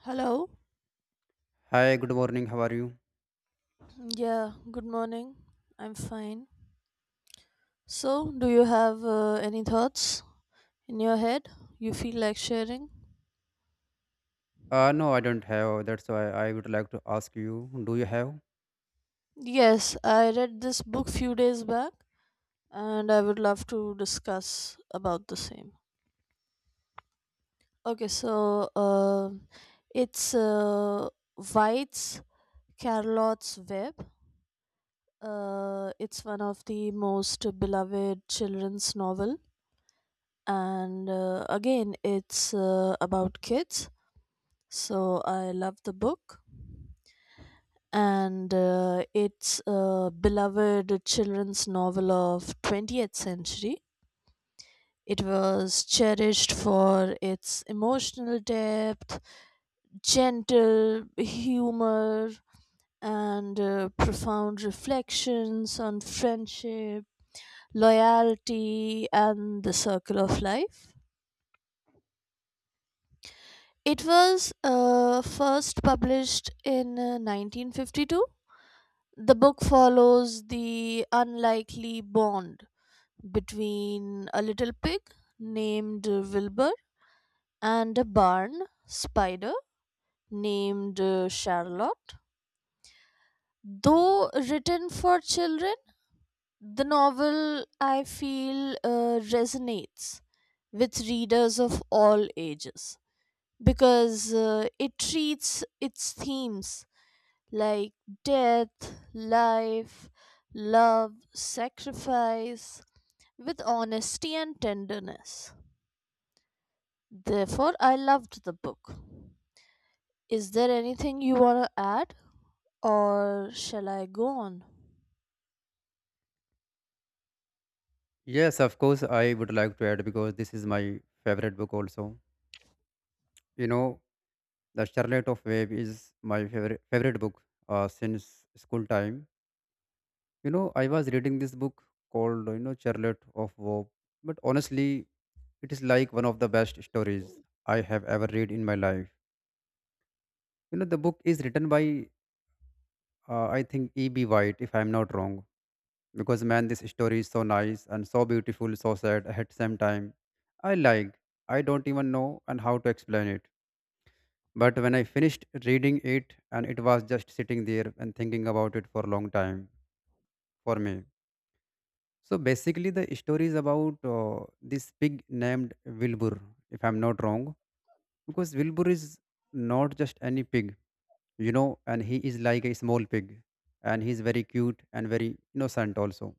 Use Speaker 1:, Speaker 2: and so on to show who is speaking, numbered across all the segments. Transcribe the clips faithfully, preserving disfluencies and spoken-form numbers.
Speaker 1: Hello.
Speaker 2: Hi, good morning. How are you?
Speaker 1: Yeah, good morning. I'm fine. So, do you have uh, any thoughts in your head you feel like sharing?
Speaker 2: Uh, no, I don't have. That's why I would like to ask you, do you have?
Speaker 1: Yes, I read this book few days back and I would love to discuss about the same. Okay, so uh, it's uh, White's Charlotte's Web. Uh, it's one of the most beloved children's novel and uh, again it's uh, about kids. So I love the book, and uh, it's a beloved children's novel of twentieth century. It was cherished for its emotional depth, gentle humor, and uh, profound reflections on friendship, loyalty, and the circle of life. It was uh, first published in uh, nineteen fifty-two. The book follows the unlikely bond between a little pig named uh, Wilbur and a barn spider named uh, Charlotte. Though written for children, the novel I feel uh, resonates with readers of all ages because uh, it treats its themes like death, life, love, sacrifice, with honesty and tenderness. Therefore, I loved the book. Is there anything you want to add, or shall I go on?
Speaker 2: Yes, of course, I would like to add because this is my favorite book also. You know, The Charlotte of Wave is my favorite favorite book uh, since school time. You know, I was reading this book called, you know, Charlotte of Wave, but honestly, it is like one of the best stories I have ever read in my life. You know, the book is written by, uh, I think, E B. White, if I'm not wrong. Because man, this story is so nice and so beautiful, so sad at the same time. I like, I don't even know and how to explain it. But when I finished reading it, and it was just sitting there and thinking about it for a long time for me. So basically the story is about uh, this pig named Wilbur, if I'm not wrong. Because Wilbur is not just any pig, you know, and he is like a small pig, and he's very cute and very innocent also.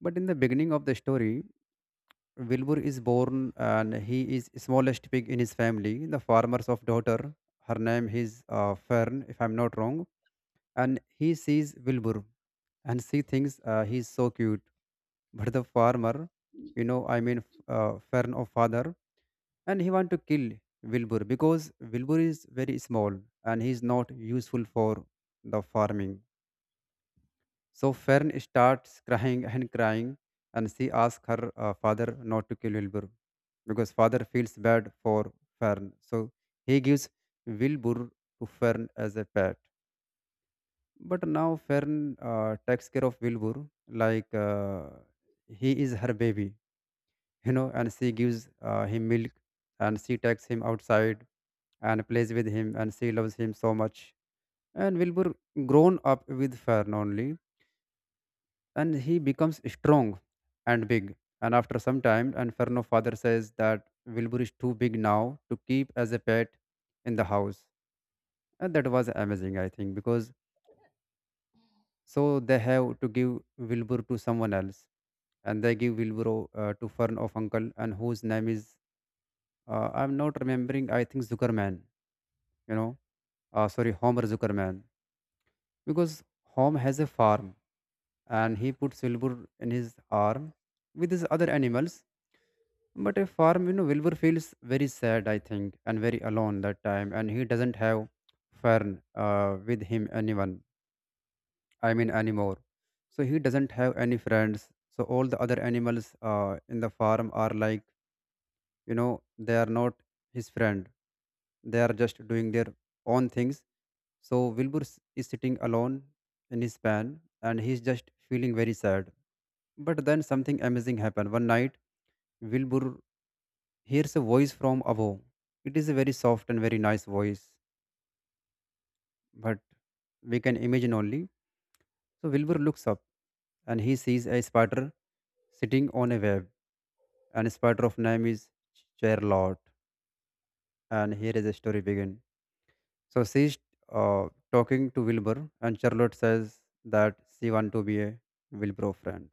Speaker 2: But in the beginning of the story, Wilbur is born and he is smallest pig in his family. The farmer's of daughter, her name is uh, Fern, if I'm not wrong. And he sees Wilbur and she thinks uh, he's so cute. But the farmer, you know, I mean uh, Fern of father, and he want to kill Wilbur because Wilbur is very small and he is not useful for the farming. So Fern starts crying and crying, and she asks her uh, father not to kill Wilbur because father feels bad for Fern. So he gives Wilbur to Fern as a pet. But now Fern uh, takes care of Wilbur like uh, he is her baby, you know, and she gives uh, him milk and she takes him outside and plays with him and she loves him so much. And Wilbur grown up with Fern only and he becomes strong and big. And after some time, and Inferno father says that Wilbur is too big now to keep as a pet in the house. And that was amazing, I think, because so they have to give Wilbur to someone else. And they give Wilbur uh, to Fern of uncle, and whose name is, uh, I'm not remembering, I think Zuckerman, you know, uh, sorry, Homer Zuckerman. Because Homer has a farm and he puts Wilbur in his arm with his other animals. But a farm, you know, Wilbur feels very sad, I think, and very alone that time, and he doesn't have Fern uh, with him anyone. I mean anymore. So he doesn't have any friends. So all the other animals uh, in the farm are like, you know, they are not his friend. They are just doing their own things. So Wilbur s- is sitting alone in his pan, and he's just feeling very sad. But then something amazing happened. One night, Wilbur hears a voice from above. It is a very soft and very nice voice, but we can imagine only. So Wilbur looks up and he sees a spider sitting on a web, and a spider of name is Charlotte. And here is the story begin. So she's uh, talking to Wilbur, and Charlotte says that she want to be a Wilbur friend.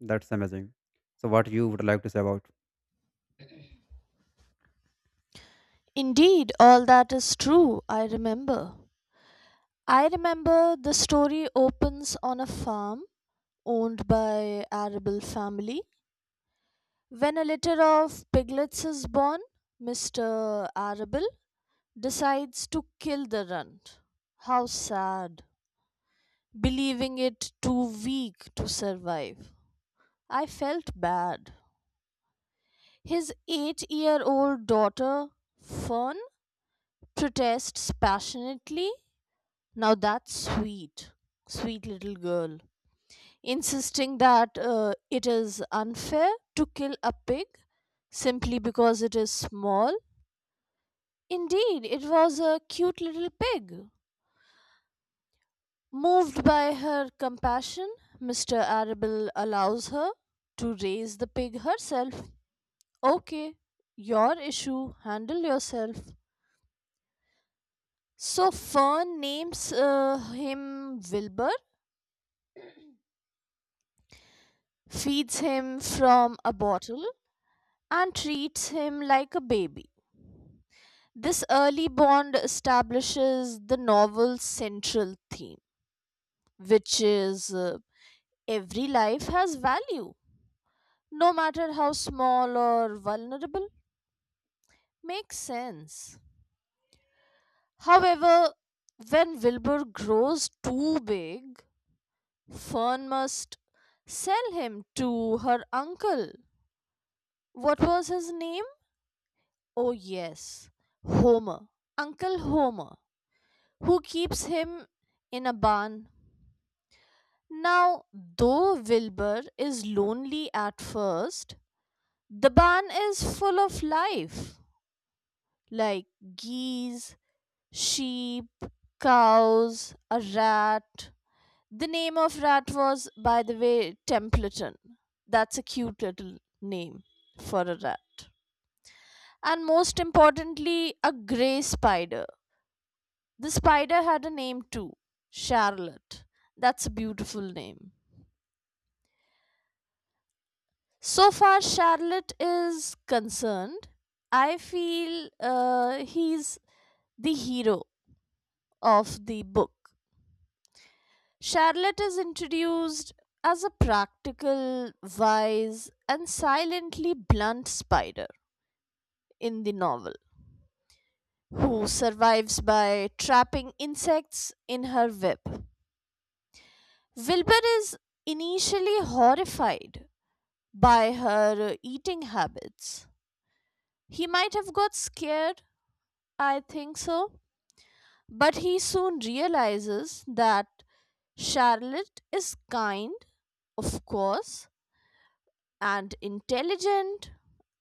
Speaker 2: That's amazing. So what you would like to say about?
Speaker 1: Indeed, all that is true, I remember. I remember the story opens on a farm owned by Arable family. When a litter of piglets is born, Mister Arable decides to kill the runt. How sad, believing it too weak to survive. I felt bad. His eight year old daughter, Fern, protests passionately. Now that's sweet. Sweet little girl. Insisting that uh, it is unfair to kill a pig simply because it is small. Indeed, it was a cute little pig. Moved by her compassion, Mister Arable allows her to raise the pig herself. Okay, your issue, handle yourself. So Fern names uh, him Wilbur, feeds him from a bottle, and treats him like a baby. This early bond establishes the novel's central theme, which is uh, every life has value, no matter how small or vulnerable. Makes sense. However, when Wilbur grows too big, Fern must sell him to her uncle. What was his name? Oh, yes, Homer. Uncle Homer, who keeps him in a barn. Now, though Wilbur is lonely at first, the barn is full of life like geese, sheep, cows, a rat. The name of rat was, by the way, Templeton. That's a cute little name for a rat. And most importantly, a grey spider. The spider had a name too: Charlotte. That's a beautiful name. So far, Charlotte is concerned. I feel uh, he's the hero of the book. Charlotte is introduced as a practical, wise, and silently blunt spider in the novel, who survives by trapping insects in her web. Wilbur is initially horrified by her eating habits. He might have got scared, I think so, but he soon realizes that Charlotte is kind, of course, and intelligent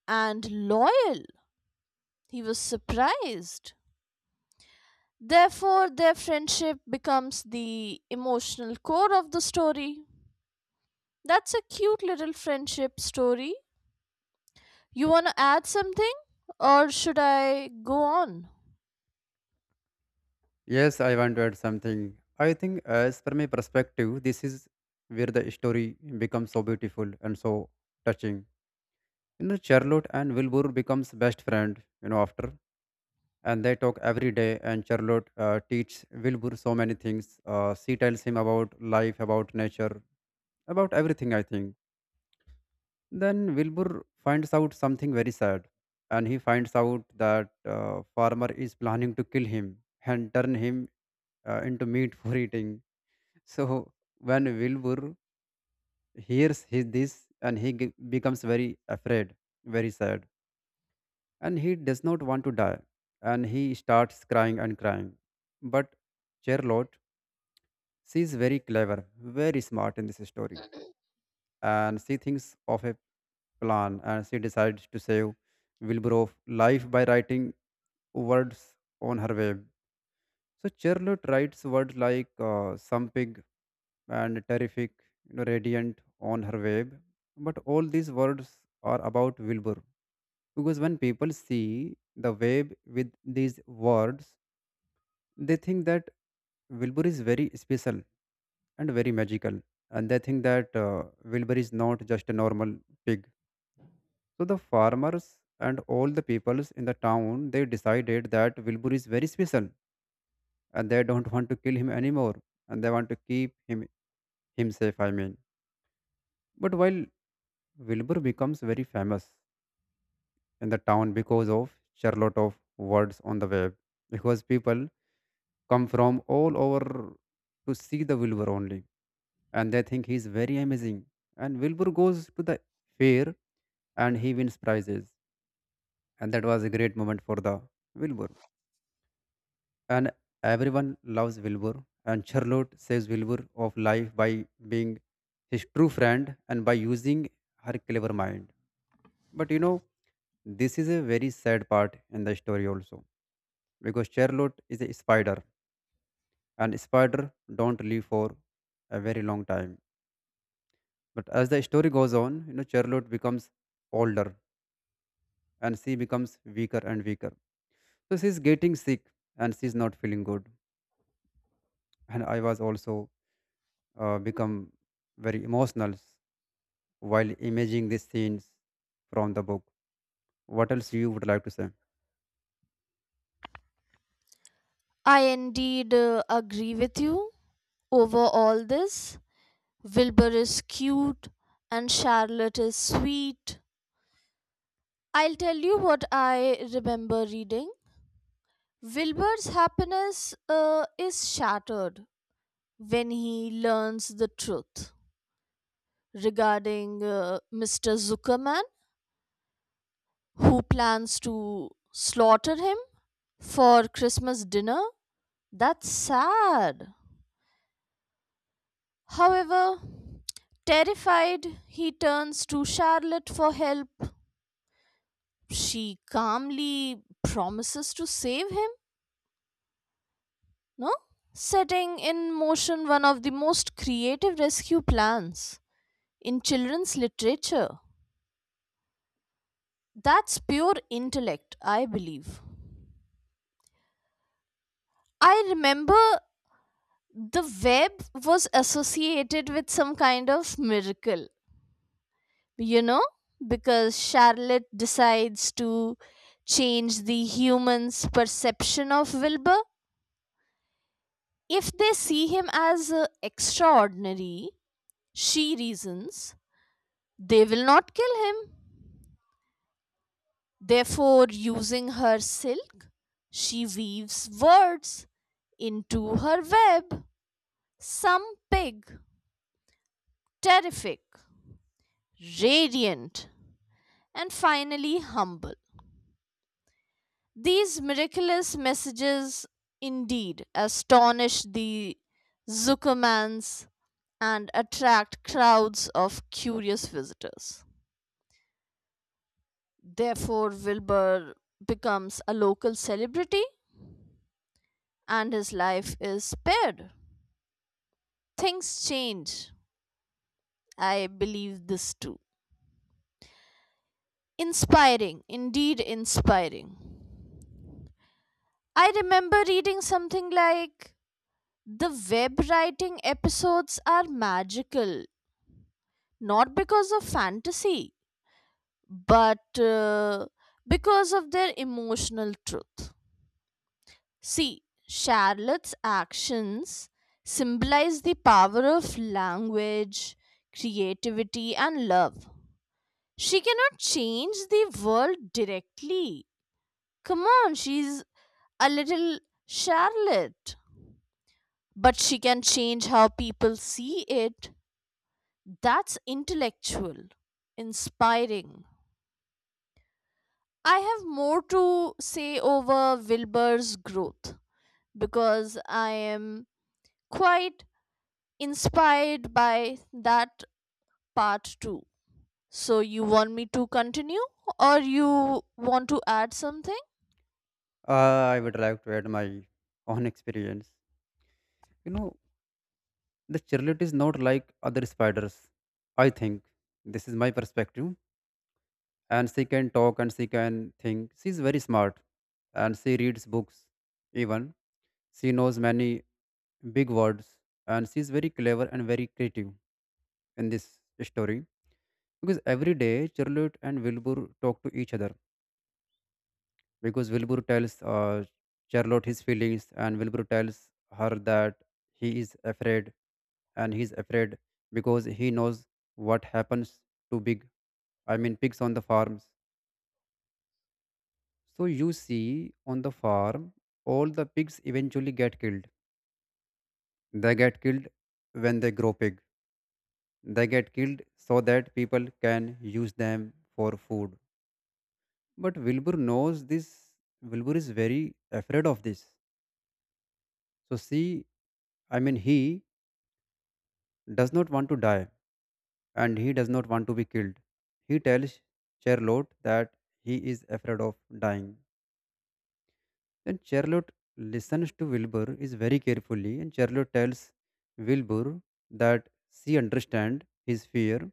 Speaker 1: and loyal. He was surprised. Therefore, their friendship becomes the emotional core of the story. That's a cute little friendship story. You want to add something, or should I go on?
Speaker 2: Yes, I want to add something. I think, uh, as per my perspective, this is where the story becomes so beautiful and so touching. You know, Charlotte and Wilbur becomes best friend. You know, after And they talk every day, and Charlotte uh, teaches Wilbur so many things. Uh, she tells him about life, about nature, about everything. I think. Then Wilbur finds out something very sad, and he finds out that uh, farmer is planning to kill him and turn him uh, into meat for eating. So when Wilbur hears his, this, and he g- becomes very afraid, very sad, and he does not want to die, and he starts crying and crying. But Charlotte, she is very clever, very smart in this story, and she thinks of a plan, and she decides to save Wilbur of life by writing words on her web. So Charlotte writes words like uh, something and terrific, you know, radiant on her web. But all these words are about Wilbur. Because when people see the web with these words, they think that Wilbur is very special and very magical. And they think that uh, Wilbur is not just a normal pig. So the farmers and all the peoples in the town, they decided that Wilbur is very special and they don't want to kill him anymore. And they want to keep him, him safe, I mean. But while Wilbur becomes very famous in the town because of Charlotte of words on the web, because people come from all over to see the Wilbur only, and they think he's very amazing. And Wilbur goes to the fair and he wins prizes, and that was a great moment for the Wilbur. And everyone loves Wilbur, and Charlotte saves Wilbur of life by being his true friend and by using her clever mind. But you know, this is a very sad part in the story also because Charlotte is a spider and spider don't live for a very long time. But as the story goes on, you know, Charlotte becomes older and she becomes weaker and weaker. So she's getting sick and she's not feeling good. And I was also uh, become very emotional while imaging these scenes from the book. What else you would like to say?
Speaker 1: I indeed uh, agree with you. Over all this, Wilbur is cute and Charlotte is sweet. I'll tell you what I remember reading. Wilbur's happiness uh, is shattered when he learns the truth regarding uh, Mister Zuckerman, who plans to slaughter him for Christmas dinner. That's sad. However, terrified, he turns to Charlotte for help. She calmly promises to save him, no? Setting in motion one of the most creative rescue plans in children's literature. That's pure intellect, I believe. I remember the web was associated with some kind of miracle, you know, because Charlotte decides to change the human's perception of Wilbur. If they see him as uh, extraordinary, she reasons, they will not kill him. Therefore, using her silk, she weaves words into her web. Some big, terrific, radiant, and finally humble. These miraculous messages indeed astonish the Zuckermans and attract crowds of curious visitors. Therefore, Wilbur becomes a local celebrity and his life is spared. Things change. I believe this too. Inspiring, indeed inspiring. I remember reading something like the web writing episodes are magical, not because of fantasy, but uh, because of their emotional truth. See, Charlotte's actions symbolize the power of language, creativity, and love. She cannot change the world directly. Come on, she's a little Charlotte. But she can change how people see it. That's intellectual, inspiring. I have more to say over Wilbur's growth because I am quite inspired by that part too. So, you want me to continue, or you want to add something?
Speaker 2: Uh, I would like to add my own experience. You know, The charlotte is not like other spiders. I think this is my perspective. And she can talk and she can think. She's very smart, and she reads books. Even she knows many big words, and she's very clever and very creative in this story. Because every day, Charlotte and Wilbur talk to each other because Wilbur tells uh, Charlotte his feelings, and Wilbur tells her that he is afraid, and he's afraid because he knows what happens to big, I mean, pigs on the farms. So you see, on the farm, all the pigs eventually get killed. They get killed when they grow big. They get killed so that people can use them for food. But Wilbur knows this. Wilbur is very afraid of this. So see, I mean, he does not want to die and he does not want to be killed. He tells Charlotte that he is afraid of dying. Then Charlotte listens to Wilbur is very carefully and Charlotte tells Wilbur that she understands his fear.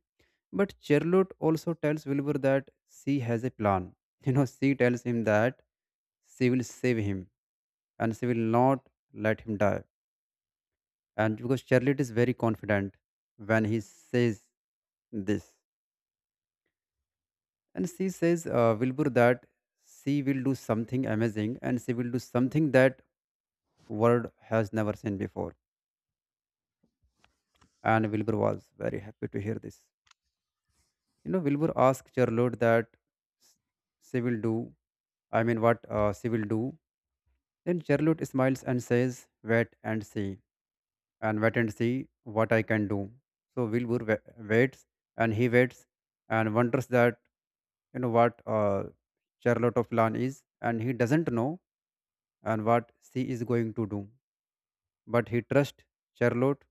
Speaker 2: But Charlotte also tells Wilbur that she has a plan. You know, she tells him that she will save him and she will not let him die. And because Charlotte is very confident when he says this. And she says, uh, Wilbur, that she will do something amazing and she will do something that world has never seen before. And Wilbur was very happy to hear this. You know, Wilbur asked Charlotte that s- she will do, I mean, what uh, she will do. Then Charlotte smiles and says, wait and see, and wait and see what I can do. So Wilbur wa- waits and he waits and wonders that, you know, what uh, Charlotte of plan is, and he doesn't know and what she is going to do. But he trusts Charlotte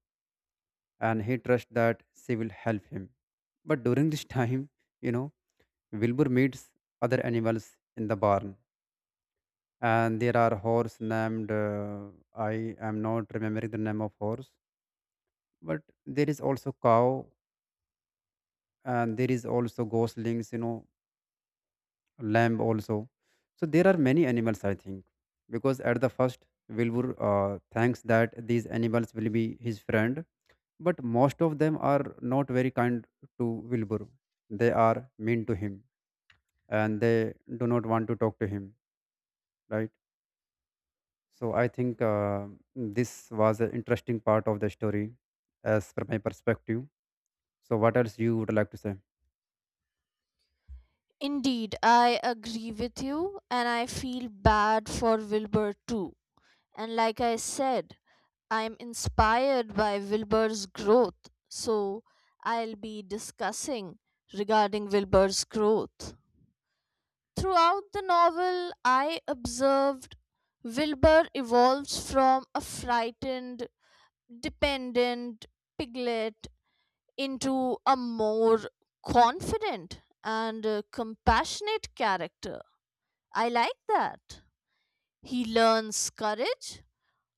Speaker 2: and he trusts that she will help him. But during this time, you know, Wilbur meets other animals in the barn. And there are horse named, uh, I am not remembering the name of horse, but there is also cow and there is also goslings, you know, lamb also. So there are many animals, I think, because at the first, Wilbur uh, thanks that these animals will be his friend but most of them are not very kind to Wilbur. They are mean to him and they do not want to talk to him, right? So I think uh, this was an interesting part of the story as per my perspective. So what else you would like to say?
Speaker 1: Indeed, I agree with you, and I feel bad for Wilbur too. And like I said, I'm inspired by Wilbur's growth, so I'll be discussing regarding Wilbur's growth. Throughout the novel, I observed Wilbur evolves from a frightened, dependent piglet into a more confident and uh, compassionate character. I like that. He learns courage,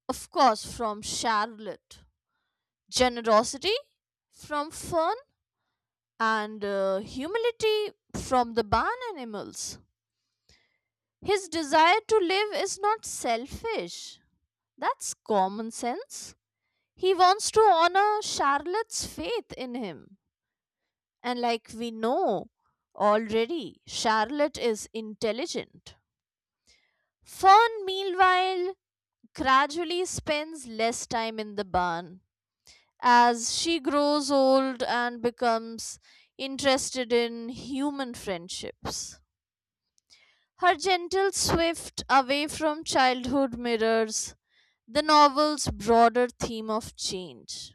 Speaker 1: of course, from Charlotte, generosity from Fern, and uh, humility from the barn animals. His desire to live is not selfish. That's common sense. He wants to honor Charlotte's faith in him. And like we know already, Charlotte is intelligent. Fern, meanwhile, gradually spends less time in the barn as she grows old and becomes interested in human friendships. Her gentle swift away from childhood mirrors the novel's broader theme of change.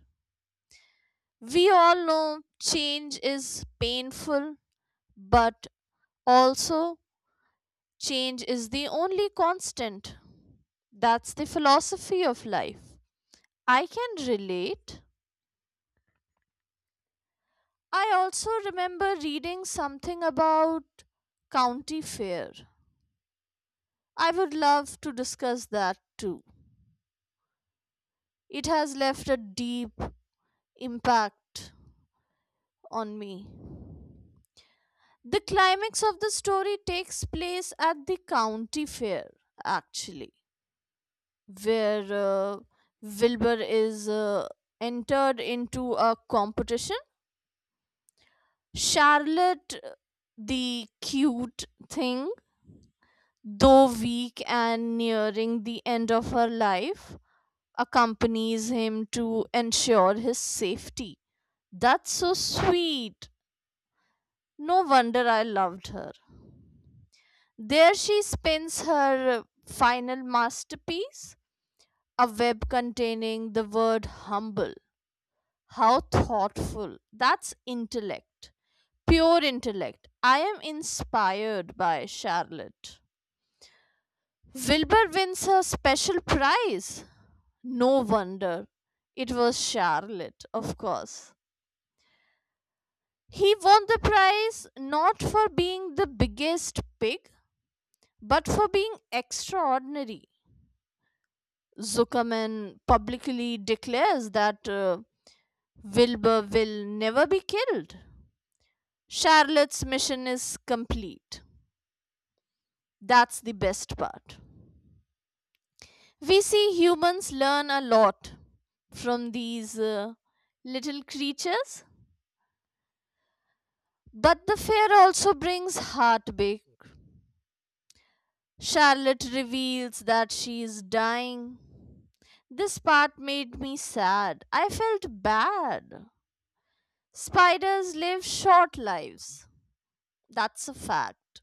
Speaker 1: We all know change is painful, but also change is the only constant. That's the philosophy of life. I can relate. I also remember reading something about county fair. I would love to discuss that too. It has left a deep impact on me. The climax of the story takes place at the county fair, actually, where uh, Wilbur is uh, entered into a competition. Charlotte, uh, the cute thing, though weak and nearing the end of her life, accompanies him to ensure his safety. That's so sweet. No wonder I loved her. There she spins her final masterpiece, a web containing the word humble. How thoughtful. That's intellect. Pure intellect. I am inspired by Charlotte. Wilbur wins her special prize. No wonder. It was Charlotte, of course. He won the prize not for being the biggest pig, but for being extraordinary. Zuckerman publicly declares that uh, Wilbur will never be killed. Charlotte's mission is complete. That's the best part. We see humans learn a lot from these uh, little creatures. But the fear also brings heartbreak. Charlotte reveals that she is dying. This part made me sad. I felt bad. Spiders live short lives. That's a fact.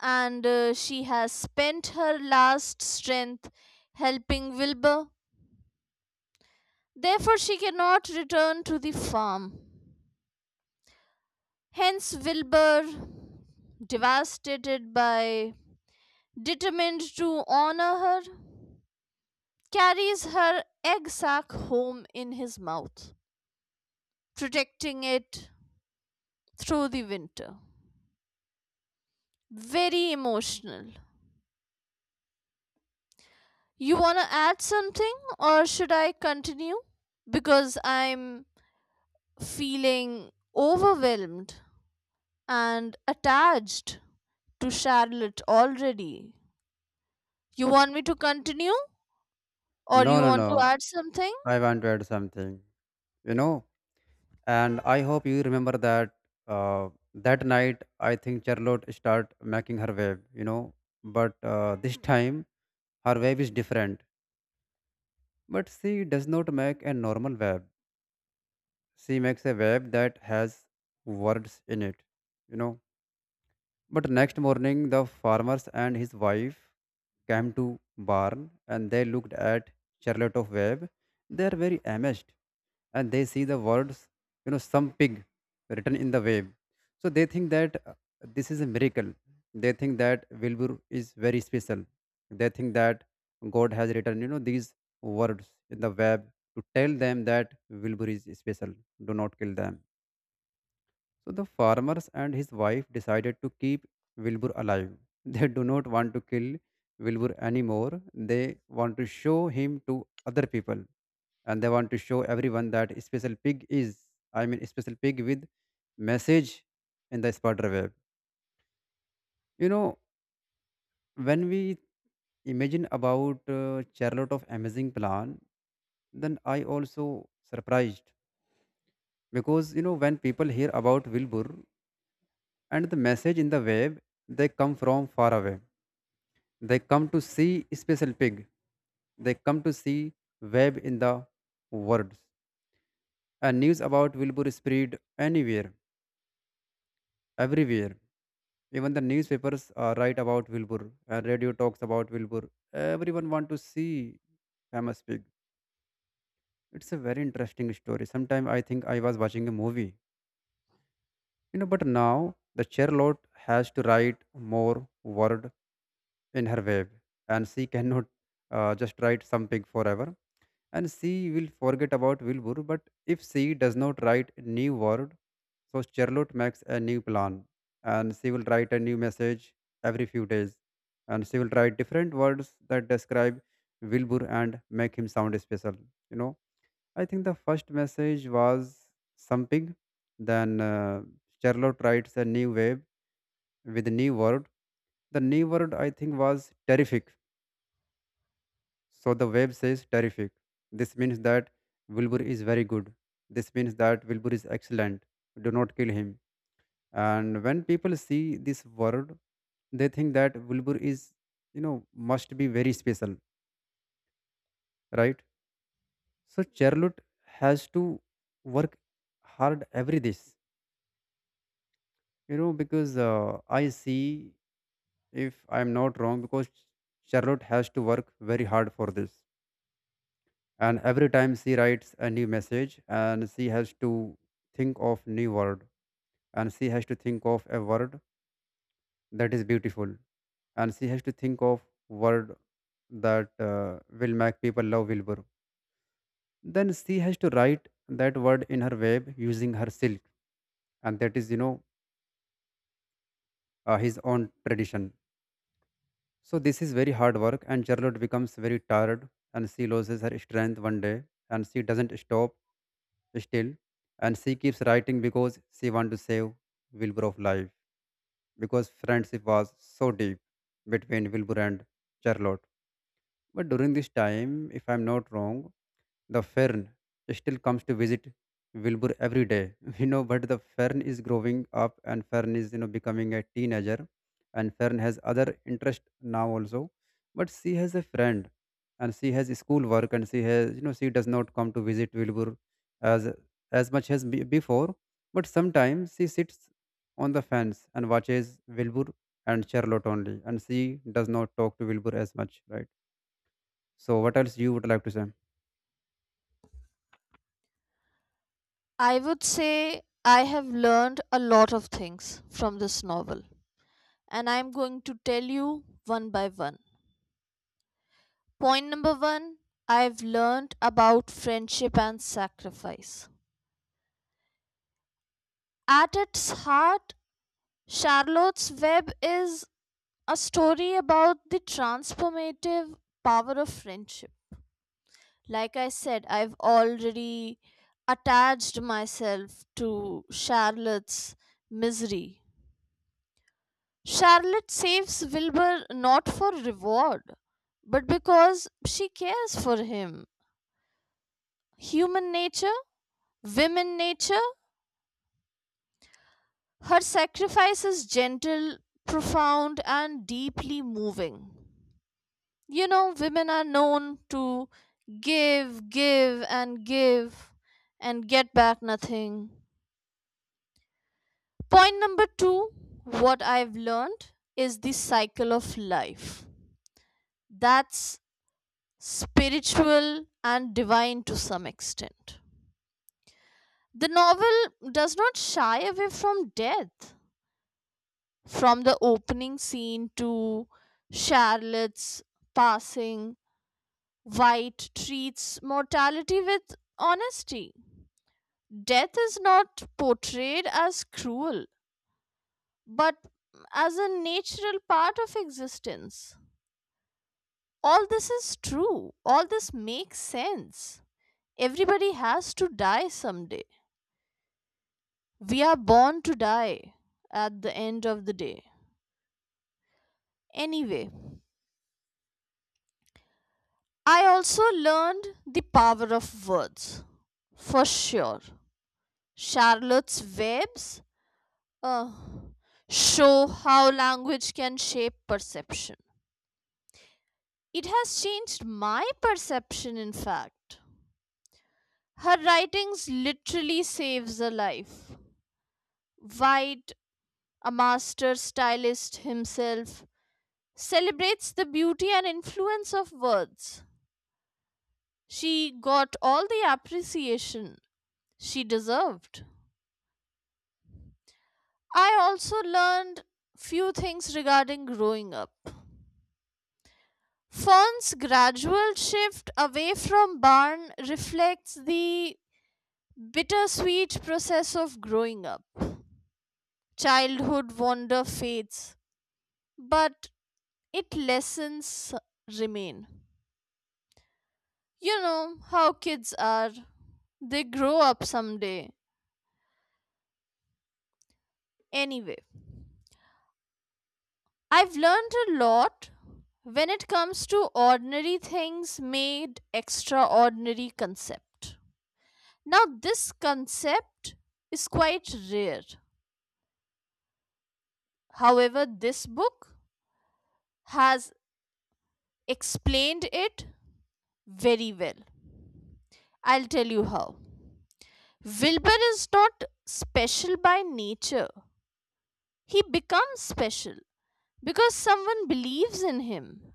Speaker 1: And uh, she has spent her last strength helping Wilbur. Therefore, she cannot return to the farm. Hence, Wilbur, devastated by, determined to honor her, carries her egg sac home in his mouth, protecting it through the winter. Very emotional. You want to add something, or should I continue? Because I'm feeling overwhelmed and attached to Charlotte already. You want me to continue, or you
Speaker 2: No, no,
Speaker 1: want to
Speaker 2: no.
Speaker 1: add something?
Speaker 2: I want to add something, you know, and I hope you remember that uh, that night I think Charlotte start making her wave, you know, but uh, this time her wave is different. But she does not make a normal web. She makes a web that has words in it, you know. But next morning, the farmers and his wife came to Barn and they looked at Charlotte of Webb. They are very amazed and they see the words, you know, some pig written in the web. So they think that uh, this is a miracle. They think that Wilbur is very special. They think that God has written, you know, these words in the web to tell them that Wilbur is special. Do not kill them so the farmers and his wife decided to keep Wilbur alive. They do not want to kill Wilbur anymore. They want to show him to other people, and they want to show everyone that special pig is, I mean, special pig with message in the spider web. You know, when we imagine about uh, Charlotte of Amazing Plan, then I also surprised because you know when people hear about Wilbur and the message in the web, they come from far away, they come to see special pig, they come to see web in the words, and news about Wilbur spread anywhere, everywhere. Even the newspapers uh, write about Wilbur and radio talks about Wilbur. Everyone want to see famous pig. It's a very interesting story. Sometimes I think I was watching a movie, you know. But now the Charlotte has to write more word in her web, and she cannot uh, just write something forever and she will forget about Wilbur, but if she does not write a new word, so Charlotte makes a new plan, and she will write a new message every few days, and she will write different words that describe Wilbur and make him sound special. You know, I think the first message was something. Then uh, Charlotte writes a new web with a new word. The new word, I think, was terrific. So the web says terrific. This means that Wilbur is very good. This means that Wilbur is excellent. Do not kill him. And when people see this word, they think that Wilbur is, you know, must be very special, right? So Charlotte has to work hard every this, you know, because uh, I see, if I'm not wrong, because Charlotte has to work very hard for this, and every time she writes a new message and she has to think of new word, and she has to think of a word that is beautiful, and she has to think of word that uh, will make people love Wilbur, then she has to write that word in her web using her silk, and that is you know uh, his own tradition. So this is very hard work, and Charlotte becomes very tired, and she loses her strength one day, and she doesn't stop still, and she keeps writing because she wants to save Wilbur of life, because friendship was so deep between Wilbur and Charlotte. But during this time, if I'm not wrong, the fern still comes to visit Wilbur every day, you know, but the fern is growing up, and fern is, you know, becoming a teenager, and fern has other interest now also. But she has a friend, and she has schoolwork, and she has, you know, she does not come to visit Wilbur as as much as be- before. But sometimes she sits on the fence and watches Wilbur and Charlotte only, and she does not talk to Wilbur as much, right? So what else you would like to say?
Speaker 1: I would say I have learned a lot of things from this novel, and I'm going to tell you one by one. Point number one, I've learned about friendship and sacrifice. At its heart, Charlotte's Web is a story about the transformative power of friendship. Like I said, I've already attached myself to Charlotte's misery. Charlotte saves Wilbur not for reward, but because she cares for him. Human nature, women nature. Her sacrifice is gentle, profound, and deeply moving. You know, women are known to give, give, and give and get back nothing. Point number two, what I've learned is the cycle of life. That's spiritual and divine to some extent. The novel does not shy away from death. From the opening scene to Charlotte's passing, White treats mortality with honesty. Death is not portrayed as cruel, but as a natural part of existence. All this is true. All this makes sense. Everybody has to die someday. We are born to die at the end of the day. Anyway. I also learned the power of words. For sure. Charlotte's Webs uh, show how language can shape perception. It has changed my perception, in fact. Her writings literally saves a life. White, a master stylist himself, celebrates the beauty and influence of words. She got all the appreciation she deserved. I also learned few things regarding growing up. Fern's gradual shift away from barn reflects the bittersweet process of growing up. Childhood wonder fades, but it lessons remain. You know how kids are. They grow up someday. Anyway. I've learned a lot when it comes to ordinary things made extraordinary concept. Now this concept is quite rare. However, this book has explained it very well. I'll tell you how. Wilbur is not special by nature. He becomes special because someone believes in him.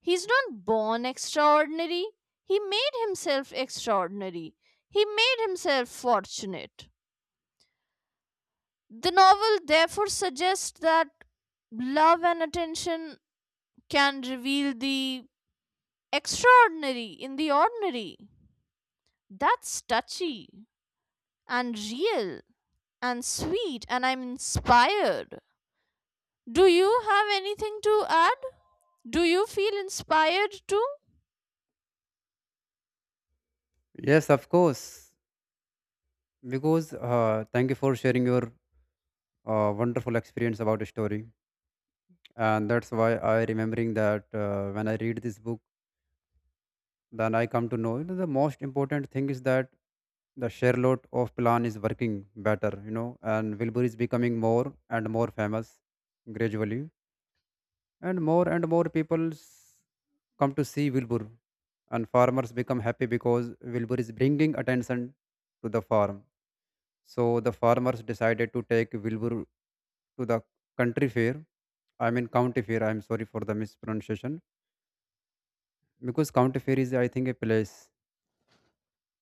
Speaker 1: He's not born extraordinary. He made himself extraordinary. He made himself fortunate. The novel therefore suggests that love and attention can reveal the extraordinary in the ordinary. That's touchy and real and sweet, and I'm inspired. Do you have anything to add? Do you feel inspired too?
Speaker 2: Yes, of course. Because uh, thank you for sharing your uh, wonderful experience about the story, and that's why I remembering that uh, when I read this book, then I come to know, you know, the most important thing is that the Charlotte of Plan is working better, you know, and Wilbur is becoming more and more famous gradually, and more and more people come to see Wilbur, and farmers become happy because Wilbur is bringing attention to the farm. So the farmers decided to take Wilbur to the country fair. I mean county fair. I'm sorry for the mispronunciation, because county fair is, I think, a place.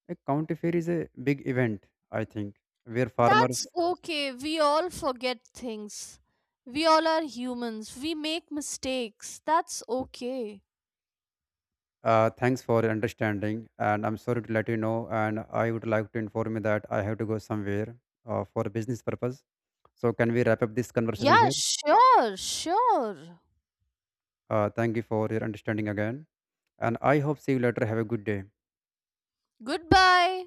Speaker 2: A county fair is a big event, I think, where
Speaker 1: That's
Speaker 2: farmers.
Speaker 1: okay. We all forget things. We all are humans. We make mistakes. That's okay.
Speaker 2: Uh, thanks for your understanding, and I'm sorry to let you know. And I would like to inform you that I have to go somewhere uh, for business purpose. So can we wrap up this conversation
Speaker 1: Yeah,
Speaker 2: here?
Speaker 1: sure, sure.
Speaker 2: Uh, thank you for your understanding again, and I hope see you later. Have a good day.
Speaker 1: Goodbye.